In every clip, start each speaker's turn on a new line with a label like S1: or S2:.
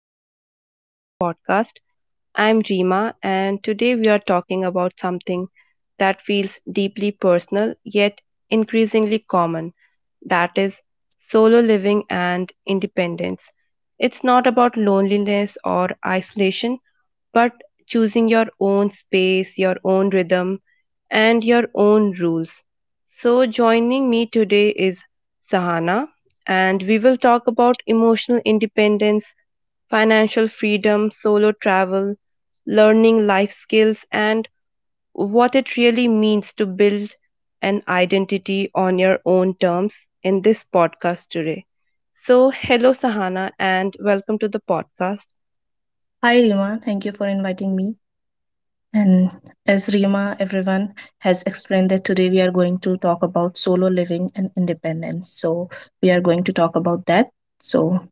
S1: and welcome to the podcast. I'm Rima, and today we are talking about something that feels deeply personal yet increasingly common, that is, solo living and independence. It's not about loneliness or isolation, but choosing your own space, your own rhythm, and your own rules. So, joining me today is Sahana, and we will talk about emotional independence, financial freedom, solo travel, learning life skills, and what it really means to build an identity on your own terms in this podcast today. So, hello, Sahana, and welcome to the podcast.
S2: Hi Rima, thank you for inviting me. And as Rima, everyone has explained that today we are going to talk about solo living and independence. So we are going to talk about that. So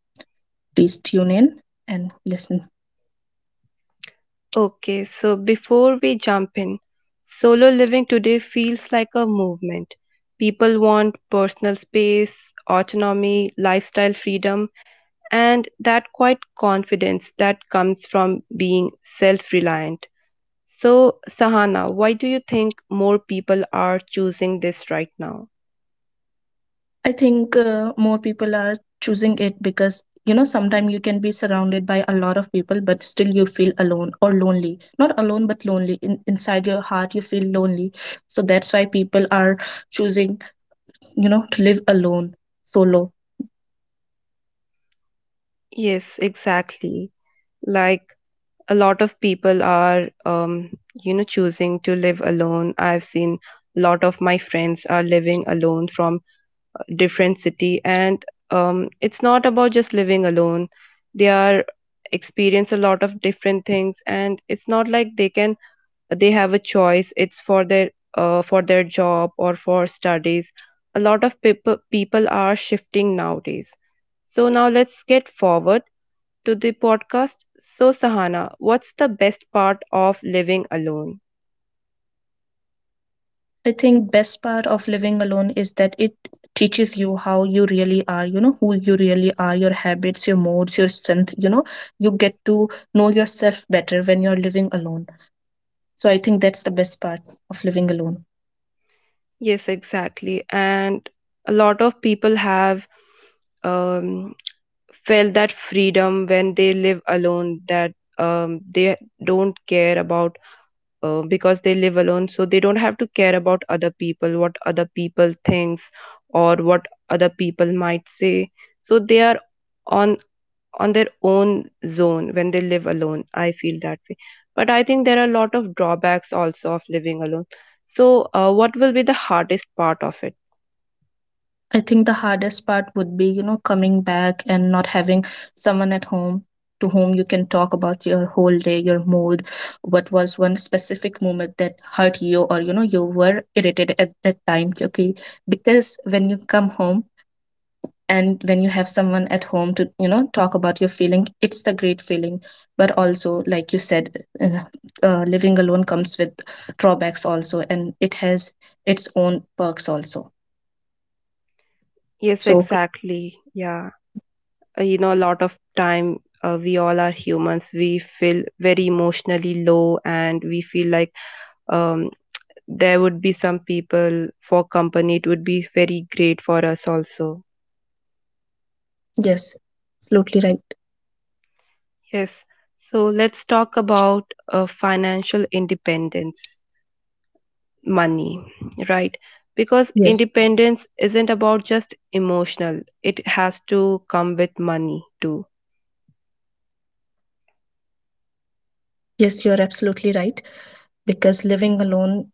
S2: please tune in and listen.
S1: Okay, so before we jump in, solo living today feels like a movement. People want personal space, autonomy, lifestyle freedom, and that quiet confidence that comes from being self reliant. So, Sahana, why do you think more people are choosing this right now?
S2: I think more people are choosing it because you know sometimes you can be surrounded by a lot of people but still you feel alone or lonely, not alone but lonely inside your heart you feel lonely, so that's why people are choosing, you know, to live alone solo.
S1: Yes, exactly. Like, a lot of people are, choosing to live alone. I've seen a lot of my friends are living alone from a different city, and it's not about just living alone. They are experience a lot of different things, and it's not like they can they have a choice, it's for their job or for studies. A lot of people are shifting nowadays. So now let's get forward to the podcast. So, Sahana, what's the best part of living alone?
S2: I think best part of living alone is that it teaches you how you really are, you know, who you really are, your habits, your moods, your strength, you know, you get to know yourself better when you're living alone. So I think that's the best part of living alone.
S1: Yes, exactly. And a lot of people have, um, felt that freedom when they live alone, that they don't care about, because they live alone, so they don't have to care about other people, what other people thinks or what other people might say. So they are on on their own zone when they live alone. I feel that way. But I think there are a lot of drawbacks also of living alone. So what will be the hardest part of it?
S2: I think the hardest part would be, you know, coming back and not having someone at home to whom you can talk about your whole day, your mood, what was one specific moment that hurt you or you know you were irritated at that time. Okay. Because when you come home and when you have someone at home to, you know, talk about your feeling, it's the great feeling. But also like you said, living alone comes with drawbacks also and it has its own perks also,
S1: Yes,
S2: so
S1: exactly. Yeah. You know, a lot of time, we all are humans. We feel very emotionally low, and we feel like, um there would be some people for company, it would be very great for us also.
S2: yes, absolutely right.
S1: Yes. So let's talk about financial independence, money, right? Because
S2: Yes,
S1: independence isn't about just emotional, it has to come with money too.
S2: yes, you're absolutely right, because living alone,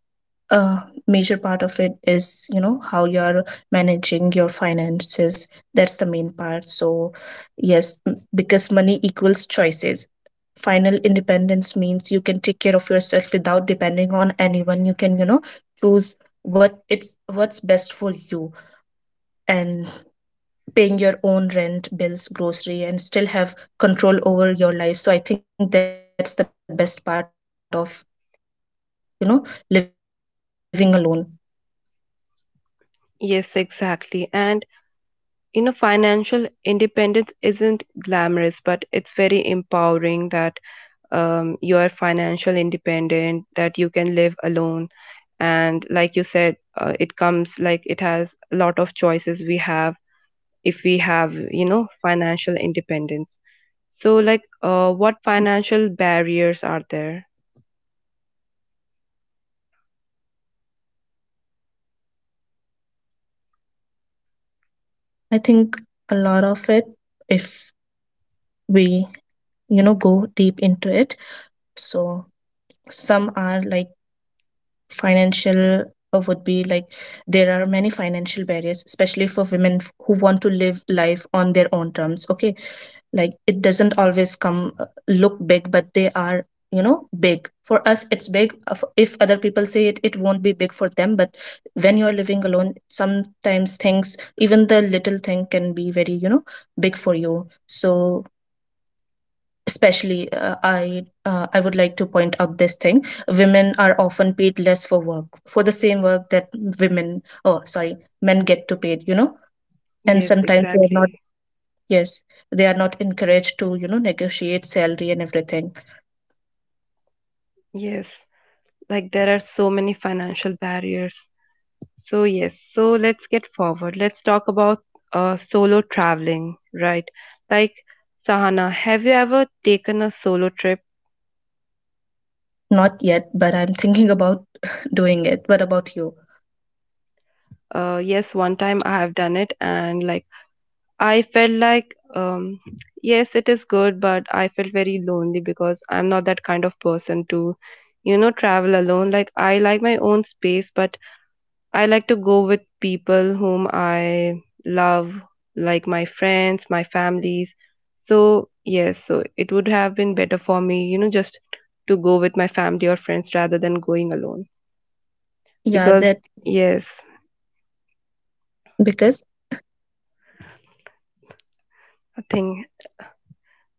S2: a major part of it is, you know, how you're managing your finances. That's the main part. So yes, because money equals choices. Final independence means you can take care of yourself without depending on anyone. You can, you know, choose what it's what's best for you, and paying your own rent, bills, grocery, and still have control over your life. So I think that's the best part of, you know, living alone.
S1: Yes, exactly. And you know, financial independence isn't glamorous, but it's very empowering, that you are financial independent, that you can live alone. And like you said, it comes like it has a lot of choices we have, if we have, you know, financial independence. So like, what financial barriers are there?
S2: I think a lot of it, if we, you know, go deep into it. So some are like financial, would be like there are many financial barriers, especially for women who want to live life on their own terms, okay? Like it doesn't always come look big, but they are, you know, big for us. It's big. If other people say it, it won't be big for them. But when you're living alone, sometimes things, even the little thing, can be very, you know, big for you. So especially I would like to point out this thing: women are often paid less for work, for the same work that women, oh sorry, men get to paid, you know. And
S1: Yes,
S2: sometimes they're not.
S1: exactly.
S2: Yes, they are not encouraged to, you know, negotiate salary and everything.
S1: Yes, like there are so many financial barriers. So yes, so let's get forward, let's talk about solo traveling, right? Like, Sahana, have you ever taken a solo trip?
S2: Not yet, but I'm thinking about doing it. What about you?
S1: Yes, one time I have done it. And like, I felt like, yes, it is good, but I felt very lonely, because I'm not that kind of person to, you know, travel alone. Like, I like my own space, but I like to go with people whom I love, like my friends, my families. So yes, so it would have been better for me, you know, just to go with my family or friends rather than going alone.
S2: Yeah,
S1: Because
S2: that
S1: yes,
S2: because
S1: I think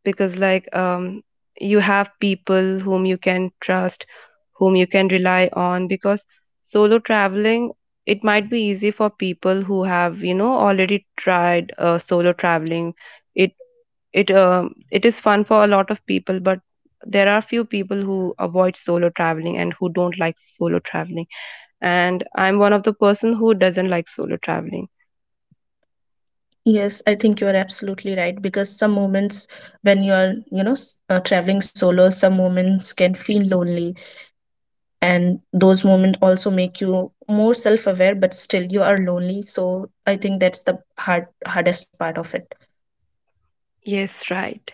S1: because like, you have people whom you can trust, whom you can rely on. Because solo traveling, it might be easy for people who have, you know, already tried solo traveling. It it um it is fun for a lot of people, but there are few people who avoid solo traveling and who don't like solo traveling. And I'm one of the person who doesn't like solo traveling.
S2: yes, I think you are absolutely right. Because some moments when you are, you know, traveling solo, some moments can feel lonely, and those moments also make you more self-aware, but still you are lonely. So I think that's the hardest part of it.
S1: Yes, right.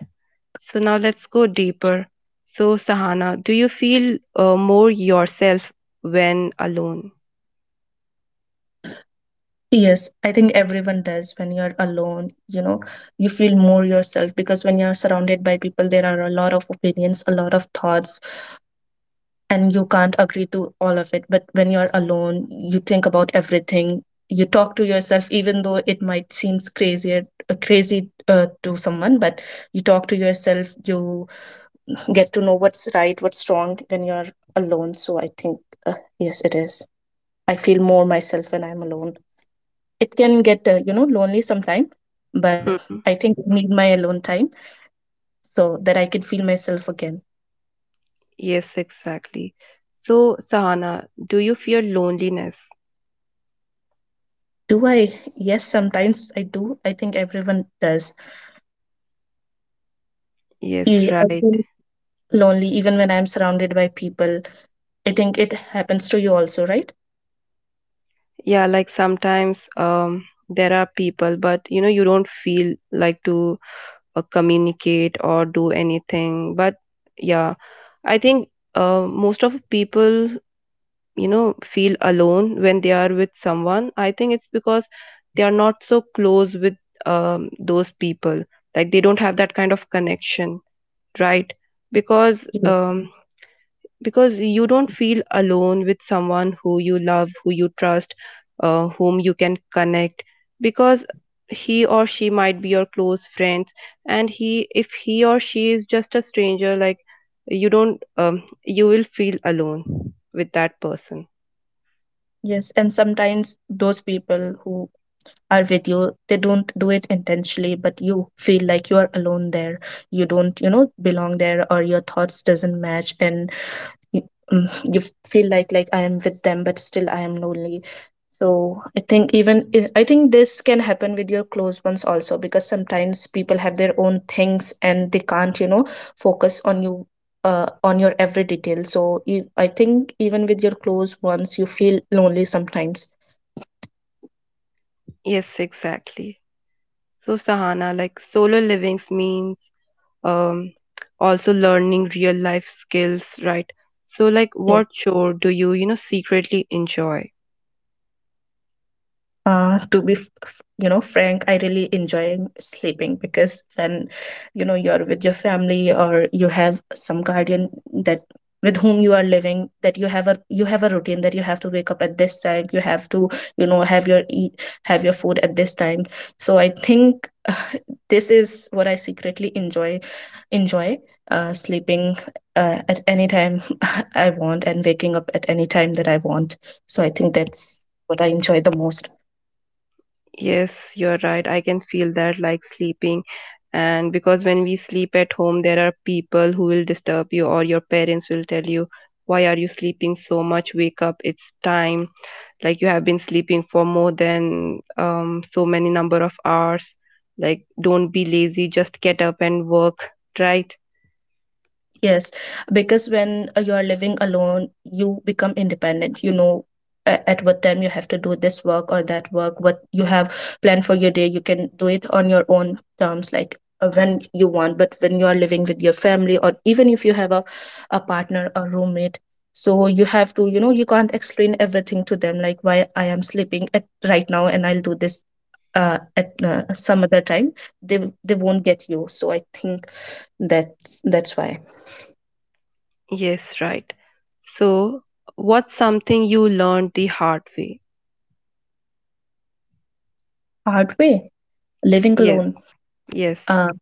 S1: So now let's go deeper. So, Sahana, do you feel more yourself when alone?
S2: Yes, I think everyone does. When you're alone, you know, you feel more yourself, because when you're surrounded by people, there are a lot of opinions, a lot of thoughts, and you can't agree to all of it. But when you're alone, you think about everything. You talk to yourself, even though it might seem crazy to someone, but you talk to yourself, you get to know what's right, what's wrong when you're alone. So I think, yes, it is. I feel more myself when I'm alone. It can get, you know, lonely sometime, but I
S1: Hmm.
S2: think I need my alone time so that I can feel myself again.
S1: Yes, exactly. So, Sahana, do you fear loneliness?
S2: Do I? Yes, sometimes I do. I think everyone does.
S1: Yes,
S2: I
S1: right.
S2: feel lonely even when I'm surrounded by people. I think it happens to you also, right?
S1: Yeah, like sometimes there are people, but you know, you don't feel like to communicate or do anything. But yeah, I think most of people, you know, feel alone when they are with someone. I think it's because they are not so close with those people, like they don't have that kind of connection, right? Because
S2: yes,
S1: um, because you don't feel alone with someone who you love, who you trust, whom you can connect. Because he or she might be your close friends, and he if he or she is just a stranger, like you don't, you will feel alone with that person.
S2: yes. And sometimes those people who are with you, they don't do it intentionally, but you feel like you are alone there. You don't, you know, belong there, or your thoughts doesn't match, and you, mm, you feel like, I am with them but still I am lonely. So I think even I think this can happen with your close ones also, because sometimes people have their own things and they can't, you know, focus on you, on your every detail. So if, I think even with your close ones you feel lonely sometimes.
S1: Yes, exactly. So, Sahana, like solo livings means, um, also learning real life skills, right? So, like,
S2: Yeah.
S1: what chore do you, you know, secretly enjoy?
S2: To be you know, frank, I really enjoy sleeping, because when, you know, you're with your family or you have some guardian that with whom you are living, that you have a routine, that you have to wake up at this time, you have to, you know, have your eat, have your food at this time. So I think this is what I secretly enjoy enjoy sleeping at any time I want, and waking up at any time that I want. So I think that's what I enjoy the most.
S1: Yes, you're right. I can feel that, like sleeping. And because when we sleep at home, there are people who will disturb you, or your parents will tell you, why are you sleeping so much? Wake up, it's time. Like, you have been sleeping for more than, so many number of hours, like don't be lazy, just get up and work, right?
S2: Yes, because when you are living alone, you become independent. You know, at what time you have to do this work or that work, what you have planned for your day, you can do it on your own terms, like when you want. But when you are living with your family, or even if you have a partner or roommate, so you have to, you know, you can't explain everything to them, like why I am sleeping at right now and I'll do this at some other time. They won't get you. So I think that's why.
S1: Yes, right. So what's something you learned the hard way?
S2: Hard way living
S1: Yes.
S2: alone.
S1: Yes,
S2: Uh,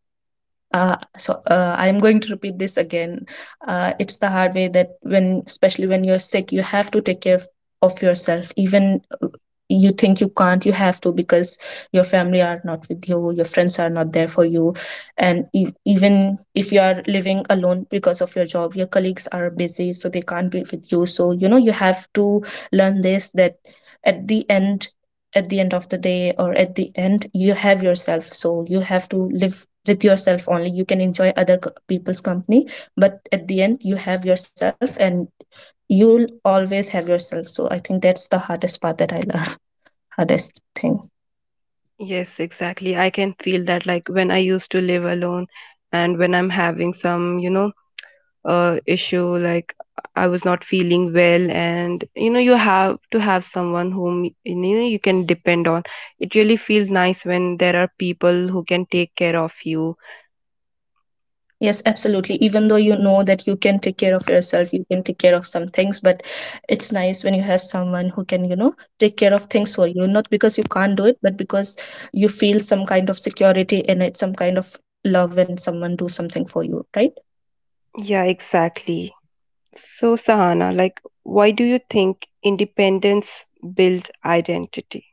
S2: so I'm going to repeat this again. It's the hard way that when, especially when you're sick, you have to take care of yourself. Even you think you can't, you have to, because your family are not with you, your friends are not there for you, and ev even if you are living alone because of your job, your colleagues are busy, so they can't be with you. So you know you have to learn this, that at the end, of the day, or at the end, you have yourself. So you have to live with yourself. Only you can enjoy other people's company, but at the end you have yourself, and you'll always have yourself. So I think that's the hardest part that I learned. Hardest thing.
S1: yes, exactly. I can feel that, like when I used to live alone, and when I'm having some, you know, issue, like I was not feeling well, and you know, you have to have someone whom you know you can depend on. It really feels nice when there are people who can take care of you.
S2: Yes, absolutely. Even though you know that you can take care of yourself, you can take care of some things, but it's nice when you have someone who can, you know, take care of things for you, not because you can't do it, but because you feel some kind of security, and it's some kind of love when someone do something for you, right?
S1: Yeah, exactly. So, Sahana, like why do you think independence builds identity?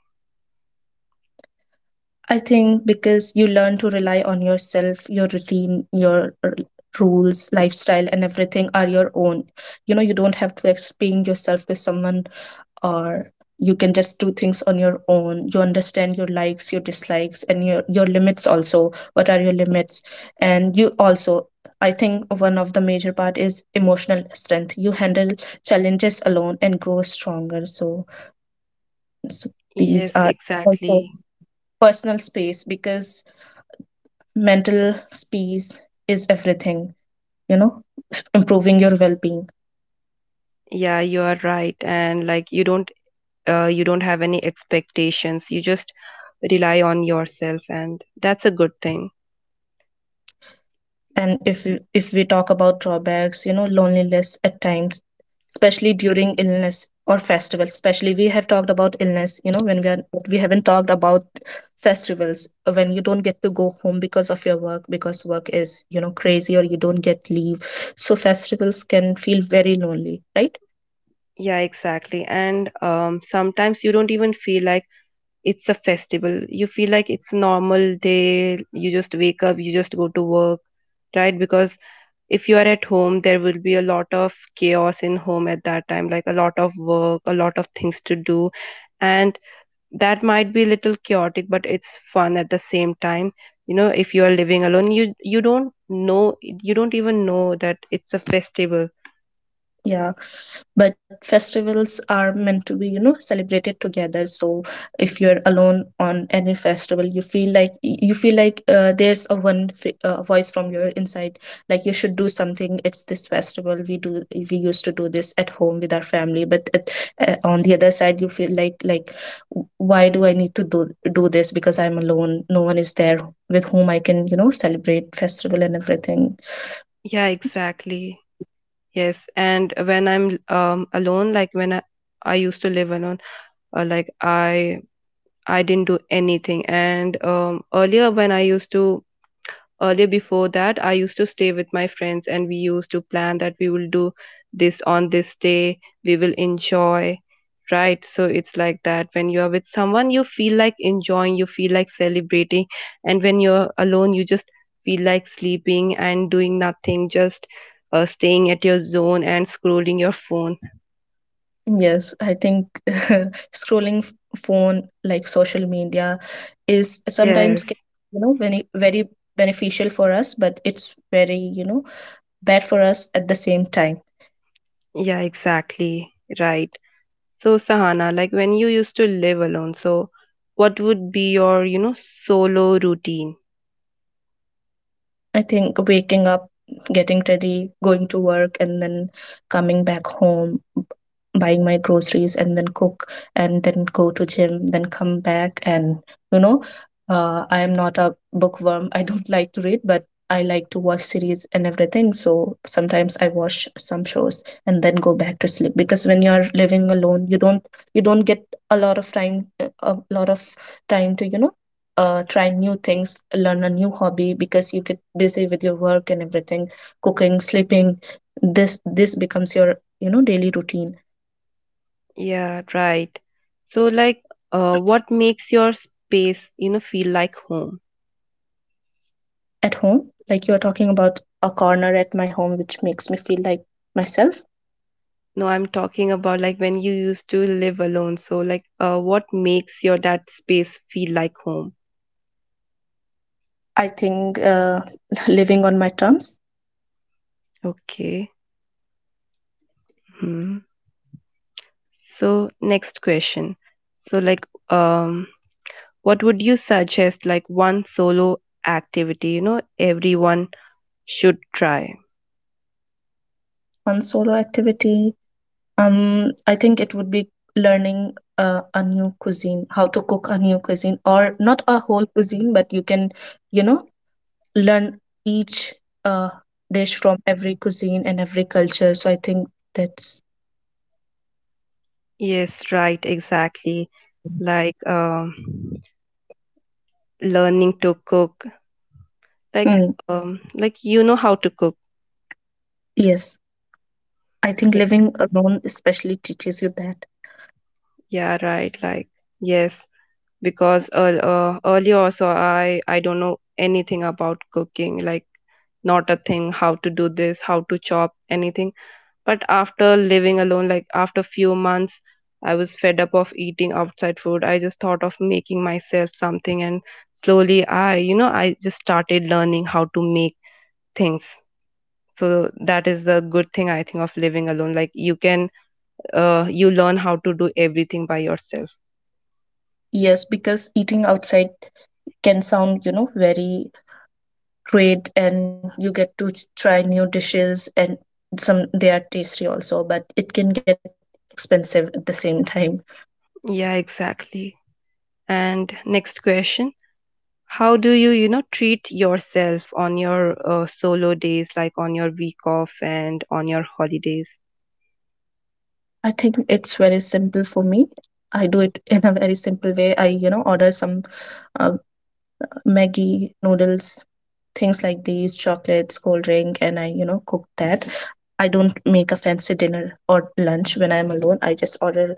S2: I think because you learn to rely on yourself. Your routine, your rules, lifestyle, and everything are your own. You know, you don't have to explain yourself to someone, or you can just do things on your own. You understand your likes, your dislikes, and your limits also, what are your limits. And you also, I think one of the major part is emotional strength. You handle challenges alone and grow stronger. So, so these
S1: Yes,
S2: are also
S1: exactly.
S2: personal space, because mental space is everything, you know, improving your well-being.
S1: Yeah, you are right. And like, you don't, you don't have any expectations, you just rely on yourself, and that's a good thing.
S2: And if we talk about drawbacks, you know, loneliness at times, especially during illness or festivals. Especially we have talked about illness, you know, when we are, but we haven't talked about festivals, when you don't get to go home because of your work, because work is, you know, crazy, or you don't get leave. So festivals can feel very lonely, right?
S1: Yeah, exactly. And sometimes you don't even feel like it's a festival. You feel like it's a normal day. You just wake up, you just go to work, right? Because if you are at home, there will be a lot of chaos in home at that time, like a lot of work, a lot of things to do. And that might be a little chaotic, but it's fun at the same time. You know, if you are living alone, you don't know, you don't even know that it's a festival.
S2: Yeah, but festivals are meant to be, you know, celebrated together. So if you're alone on any festival, you feel like, you feel like, there's a one voice from your inside, like you should do something, it's this festival, we used to do this at home with our family. But at, on the other side, you feel like, Why do I need to do this, because I'm alone, no one is there with whom I can, you know, celebrate festival and everything?"
S1: Yeah, exactly. Yes, and when I'm alone, like I used to live alone, like I didn't do anything. And earlier when I used to, earlier before that, I used to stay with my friends, and we used to plan that we will do this on this day, we will enjoy, right? So it's like that, when you are with someone you feel like enjoying, you feel like celebrating. And when you're alone, you just feel like sleeping and doing nothing, just staying at your zone and scrolling your phone.
S2: Yes, I think scrolling phone, like social media, is
S1: Yes.
S2: sometimes ca- You know, very very beneficial for us, but it's very, you know, bad for us at the same time.
S1: Yeah, exactly, right. So, Sahana, like when you used to live alone, so what would be your, you know, solo routine?
S2: I think waking up, getting ready, going to work, and then coming back home, buying my groceries, and then cook, and then go to gym, then come back, and you know, I am not a bookworm. I don't like to read, but I like to watch series and everything. So sometimes I watch some shows and then go back to sleep because when you're living alone, you don't get a lot of time a lot of time to try new things, learn a new hobby because you get busy with your work and everything, cooking, sleeping. This becomes your daily routine
S1: Yeah, right. So, like, what makes your space, you know, feel like home?
S2: at home. Like you are talking about a corner at my home, which makes me feel like myself.
S1: No, I'm talking about like when you used to live alone. So, like, what makes your that space feel like home?
S2: I think living on my terms
S1: Okay. Hmm. So, next question. So, like, what would you suggest, like, one solo activity, you know, everyone should try?
S2: on solo activity. I think it would be learning a new cuisine, how to cook a new cuisine, or not a whole cuisine, but you can, you know, learn each uh, dish from every cuisine and every culture. So I think that's
S1: Yes, right, exactly. Like learning to cook, like
S2: mm,
S1: like you know how to cook.
S2: yes. I think
S1: Yes,
S2: living alone especially teaches you that.
S1: yeah, right. Like yes, because earlier also, I don't know anything about cooking. Like not a thing, how to do this, how to chop anything. But after living alone, like after few months, I was fed up of eating outside food. I just thought of making myself something, and slowly I, you know, I just started learning how to make things. So that is the good thing I think of living alone, like you can, you learn how to do everything by yourself.
S2: Yes, because eating outside can sound, you know, very great and you get to try new dishes and some they are tasty also, but it can get expensive at the same time.
S1: Yeah, exactly. And next question, how do you, you know, treat yourself on your solo days, like on your week off and on your holidays?
S2: I think it's very simple for me. I do it in a very simple way. I, you know, order some uh, Maggie noodles, things like these, chocolates, cold drink, and I, you know, cook that. I don't make a fancy dinner or lunch when I'm alone. I just order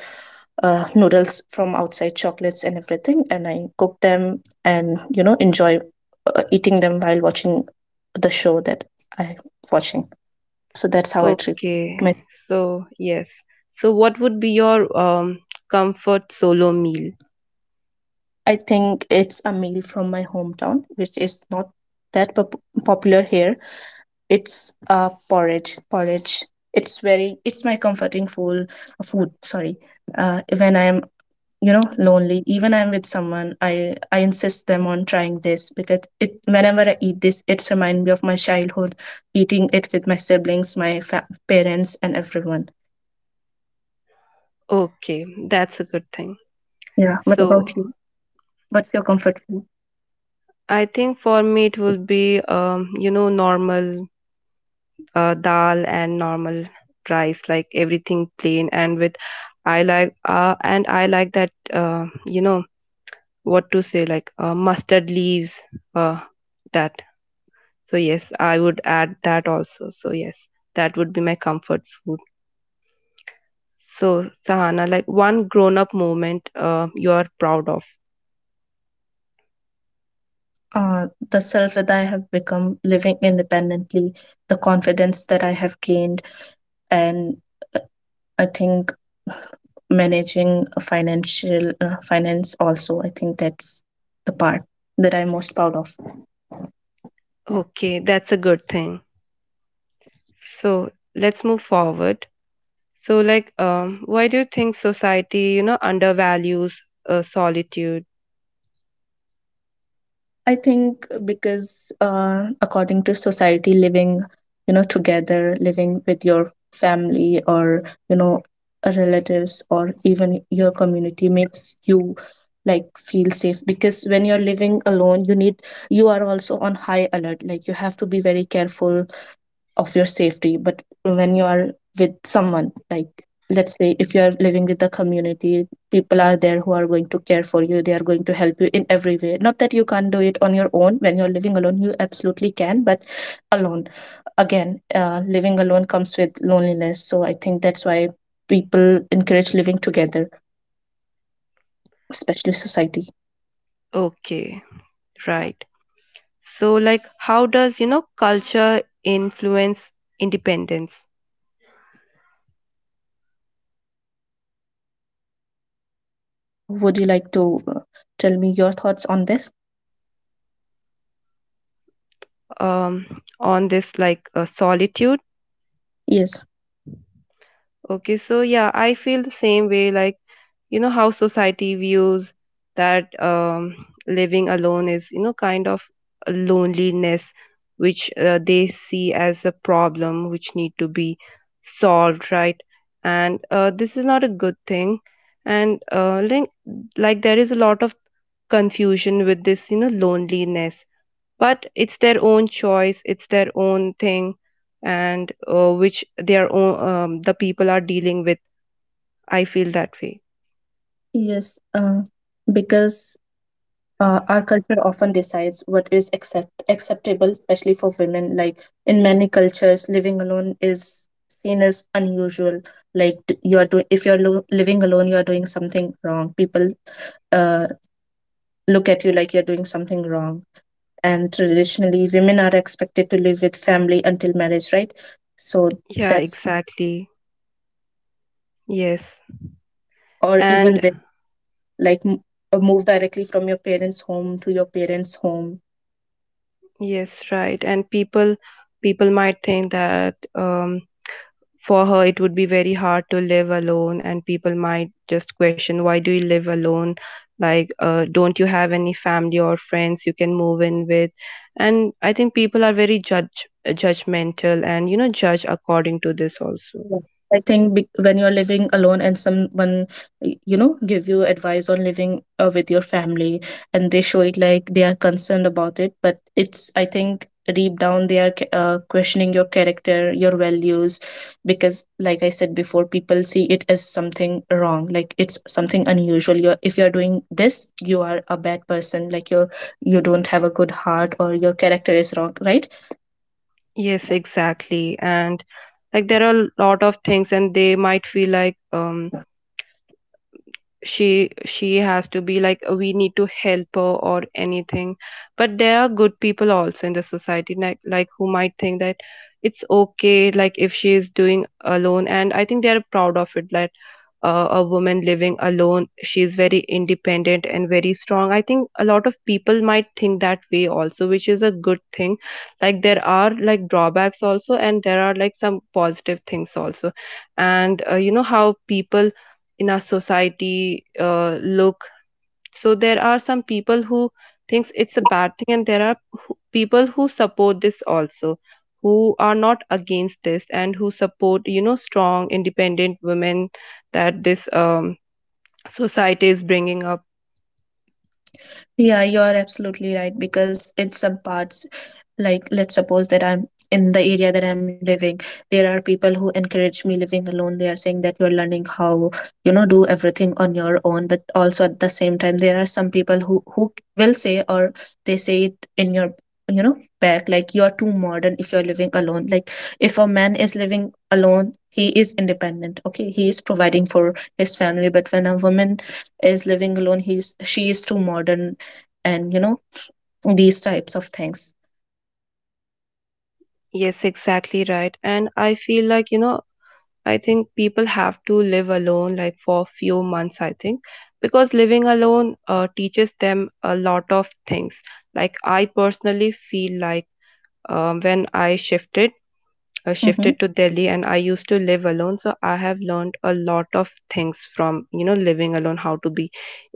S2: noodles from outside, chocolates, and everything, and I cook them and, you know, enjoy eating them while watching the show that I'm watching. So that's how I treat
S1: Okay.
S2: my,
S1: So yes, so what would be your um comfort solo meal?
S2: I think it's a meal from my hometown, which is not that popular here. It's porridge. Porridge. It's very. It's my comforting food. Food. Sorry. When I'm, you know, lonely, even I'm with someone, I insist them on trying this because it. Whenever I eat this, it's remind me of my childhood, eating it with my siblings, my parents, and everyone.
S1: Okay, that's a good thing.
S2: Yeah. What about
S1: So,
S2: you? What's your comfort food?
S1: I think for me it will be, you know, normal dal and normal rice, like everything plain. And with, I like, and I like that, you know, what to say, like, mustard leaves, uh, that. So yes, I would add that also. So yes, that would be my comfort food. So Sahana, like one grown-up moment you are proud of.
S2: Uh, the self that I have become living independently, the confidence that I have gained, and I think managing a financial finance also. I think that's the part that I'm most proud of.
S1: Okay, that's a good thing. So let's move forward. So like, why do you think society, you know, undervalues solitude?
S2: I think because according to society, living, you know, together, living with your family or, you know, relatives or even your community makes you like feel safe, because when you're living alone you need, you are also on high alert, like you have to be very careful of your safety. But when you are with someone, like let's say if you are living with the community, people are there who are going to care for you, they are going to help you in every way. Not that you can't do it on your own when you're living alone, you absolutely can, but alone, again, living alone comes with loneliness, so I think that's why people encourage living together, especially society.
S1: Okay, right. So, like, how does, you know, culture influence independence?
S2: Would you like to tell me your thoughts on this?
S1: On this like solitude?
S2: Yes,
S1: Okay, so yeah, I feel the same way. Like, you know, how society views that living alone is, you know, kind of a loneliness, which they see as a problem which need to be solved, right? And this is not a good thing. And there is a lot of confusion with this, you know, loneliness, but it's their own choice, it's their own thing, and which their own the people are dealing with. I feel that way.
S2: yes, because our culture often decides what is accept acceptable, especially for women. Like in many cultures, living alone is seen as unusual. Like you are doing, if you're living alone, you are doing something wrong. People uh, look at you like you're doing something wrong. And traditionally, women are expected to live with family until marriage, right? So
S1: Yeah,
S2: that's,
S1: exactly. Yes,
S2: or even
S1: and
S2: they like move directly from your parents' home to your parents' home.
S1: yes, right. And people, people might think that, um, for her, it would be very hard to live alone, and people might just question, why do you live alone? Like, don't you have any family or friends you can move in with? And I think people are very judge judgmental and, you know, judge according to this also.
S2: Yeah. I think when you're living alone and someone, you know, give you advice on living with your family and they show it like they are concerned about it, but it's, I think, deep down they are questioning your character, your values, because like I said before, people see it as something wrong, like it's something unusual. You're, if you're doing this, you are a bad person, like you're, you don't have a good heart or your character is wrong, right?
S1: Yes, exactly. And like there are a lot of things, and they might feel like she has to be like we need to help her or anything, but there are good people also in the society, like who might think that it's okay, like if she is doing alone, and I think they are proud of it that a woman living alone, she is very independent and very strong. I think a lot of people might think that way also, which is a good thing. Like there are like drawbacks also, and there are like some positive things also. And you know how people in our society look. So there are some people who thinks it's a bad thing, and there are people who support this also, who are not against this, and who support, you know, strong independent women that this society is bringing up.
S2: Yeah, you're absolutely right, because in some parts, like let's suppose that I'm in the area that I'm living, there are people who encourage me living alone. They are saying that you're learning how, you know, do everything on your own. But also at the same time, there are some people who will say, or they say it in your, you know, back, like you're too modern if you're living alone. Like if a man is living alone, he is independent. Okay, he is providing for his family. But when a woman is living alone, he's, she is too modern, and, you know, these types of things.
S1: Yes, exactly, right. And I feel like, you know, I think people have to live alone, like for a few months, I think, because living alone teaches them a lot of things. Like I personally feel like, when I shifted, shifted to
S2: Mm-hmm.
S1: Delhi, and I used to live alone, so I have learned a lot of things from, you know, living alone. How to be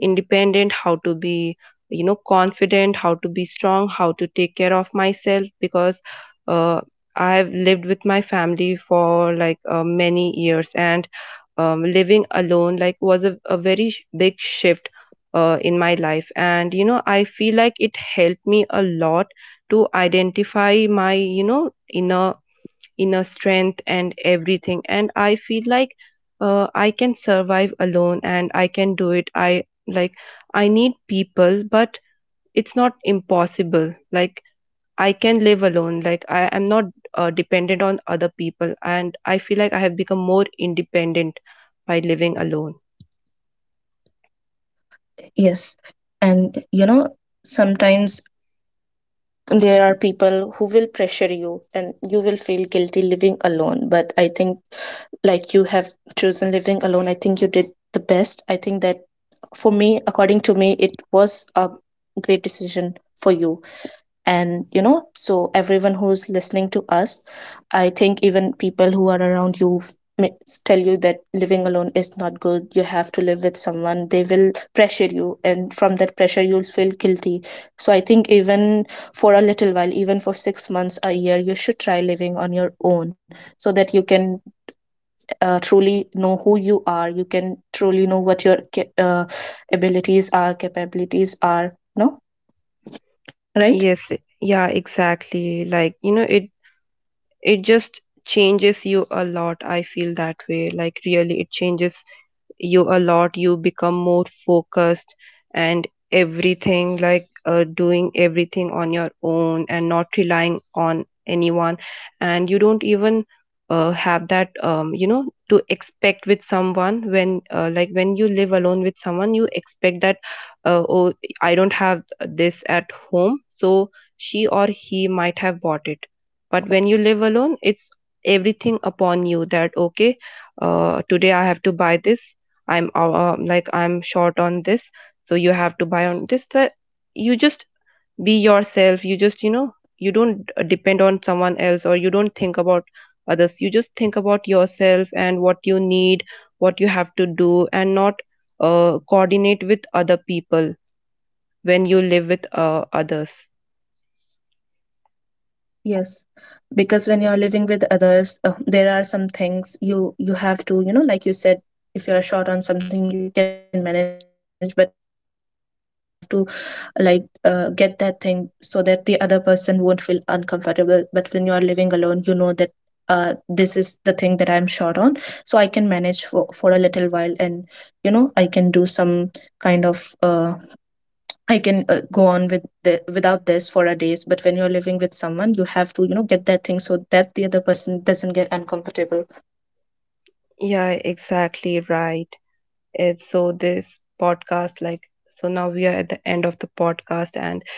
S1: independent, how to be, you know, confident, how to be strong, how to take care of myself. Because uh, I have lived with my family for like many years, and living alone like was a very big shift in my life, and, you know, I feel like it helped me a lot to identify my, you know, inner strength and everything. And I feel like I can survive alone, and I can do it. I like, I need people, but it's not impossible. Like, I can live alone. Like, I am not dependent on other people, and I feel like I have become more independent by living alone.
S2: Yes, and you know sometimes there are people who will pressure you and you will feel guilty living alone, but I think like you have chosen living alone, I think you did the best. I think that for me, according to me, it was a great decision for you. And you know, so everyone who's listening to us, I think even people who are around you may- tell you that living alone is not good, you have to live with someone, they will pressure you, and from that pressure you'll feel guilty. So I think even for a little while, even for 6 months a year, you should try living on your own, so that you can truly know who you are, you can truly know what your abilities are, capabilities are, no, right?
S1: Yes, yeah, exactly. Like, you know, it just changes you a lot. I feel that way. Like really, it changes you a lot. You become more focused, and everything, like doing everything on your own and not relying on anyone. And you don't even have that, you know, to expect with someone. When like when you live alone with someone, you expect that oh, I don't have this at home, so she or he might have bought it. But when you live alone, it's everything upon you. That, okay, today I have to buy this, I'm like I'm short on this, so you have to buy on this. That you just be yourself, you just, you know, you don't depend on someone else, or you don't think about others. You just think about yourself and what you need, what you have to do, and not coordinate with other people when you live with others.
S2: Yes, because when you're living with others, there are some things you, you have to, you know, like you said, if you're short on something, you can manage. But when you're living with someone, you have to like get that thing so that the other person won't feel uncomfortable. But when you're living alone, you know that this is the thing that I'm short on, so I can manage for a little while, and you know, I can do some kind of. I can go on with the, without this for a days. But when you're living with someone, you have to, you know, get that thing so that the other person doesn't get uncomfortable.
S1: Yeah, exactly, right. It's, so this podcast, like, so now we are at the end of the podcast. And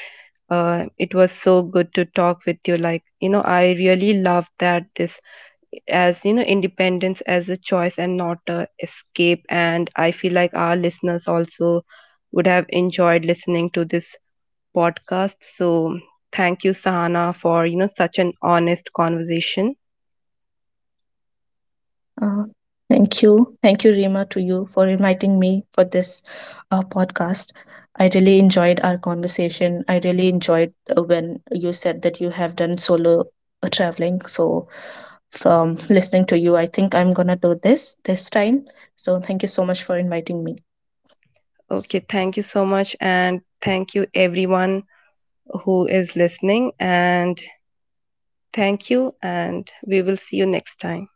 S1: It was so good to talk with you. Like, you know, I really love that this, as, you know, independence as a choice and not a escape. And I feel like our listeners also would have enjoyed listening to this podcast. So thank you, Sahana, for, you know, such an honest conversation.
S2: Uh, thank you, Rima, to you for inviting me for this podcast. I really enjoyed our conversation. I really enjoyed when you said that you have done solo traveling. So from listening to you, I think I'm gonna do this this time. So thank you so much for inviting me.
S1: Okay, thank you so much. And thank you, everyone who is listening. And thank you. And we will see you next time.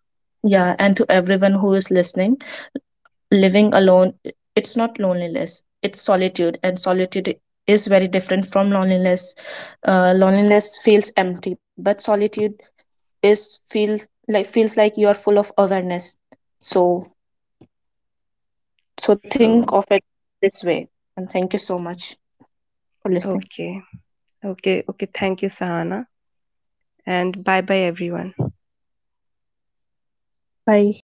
S2: Yeah, and to everyone who is listening. Living alone, it's not loneliness, it's solitude, and solitude is very different from loneliness. Uh, loneliness feels empty, but solitude is feel like, feels like you are full of awareness. So, so think
S1: So,
S2: of it this way, and thank you so much for listening.
S1: okay. Okay, okay. Thank you, Sahana. And bye bye, everyone.
S2: Bye.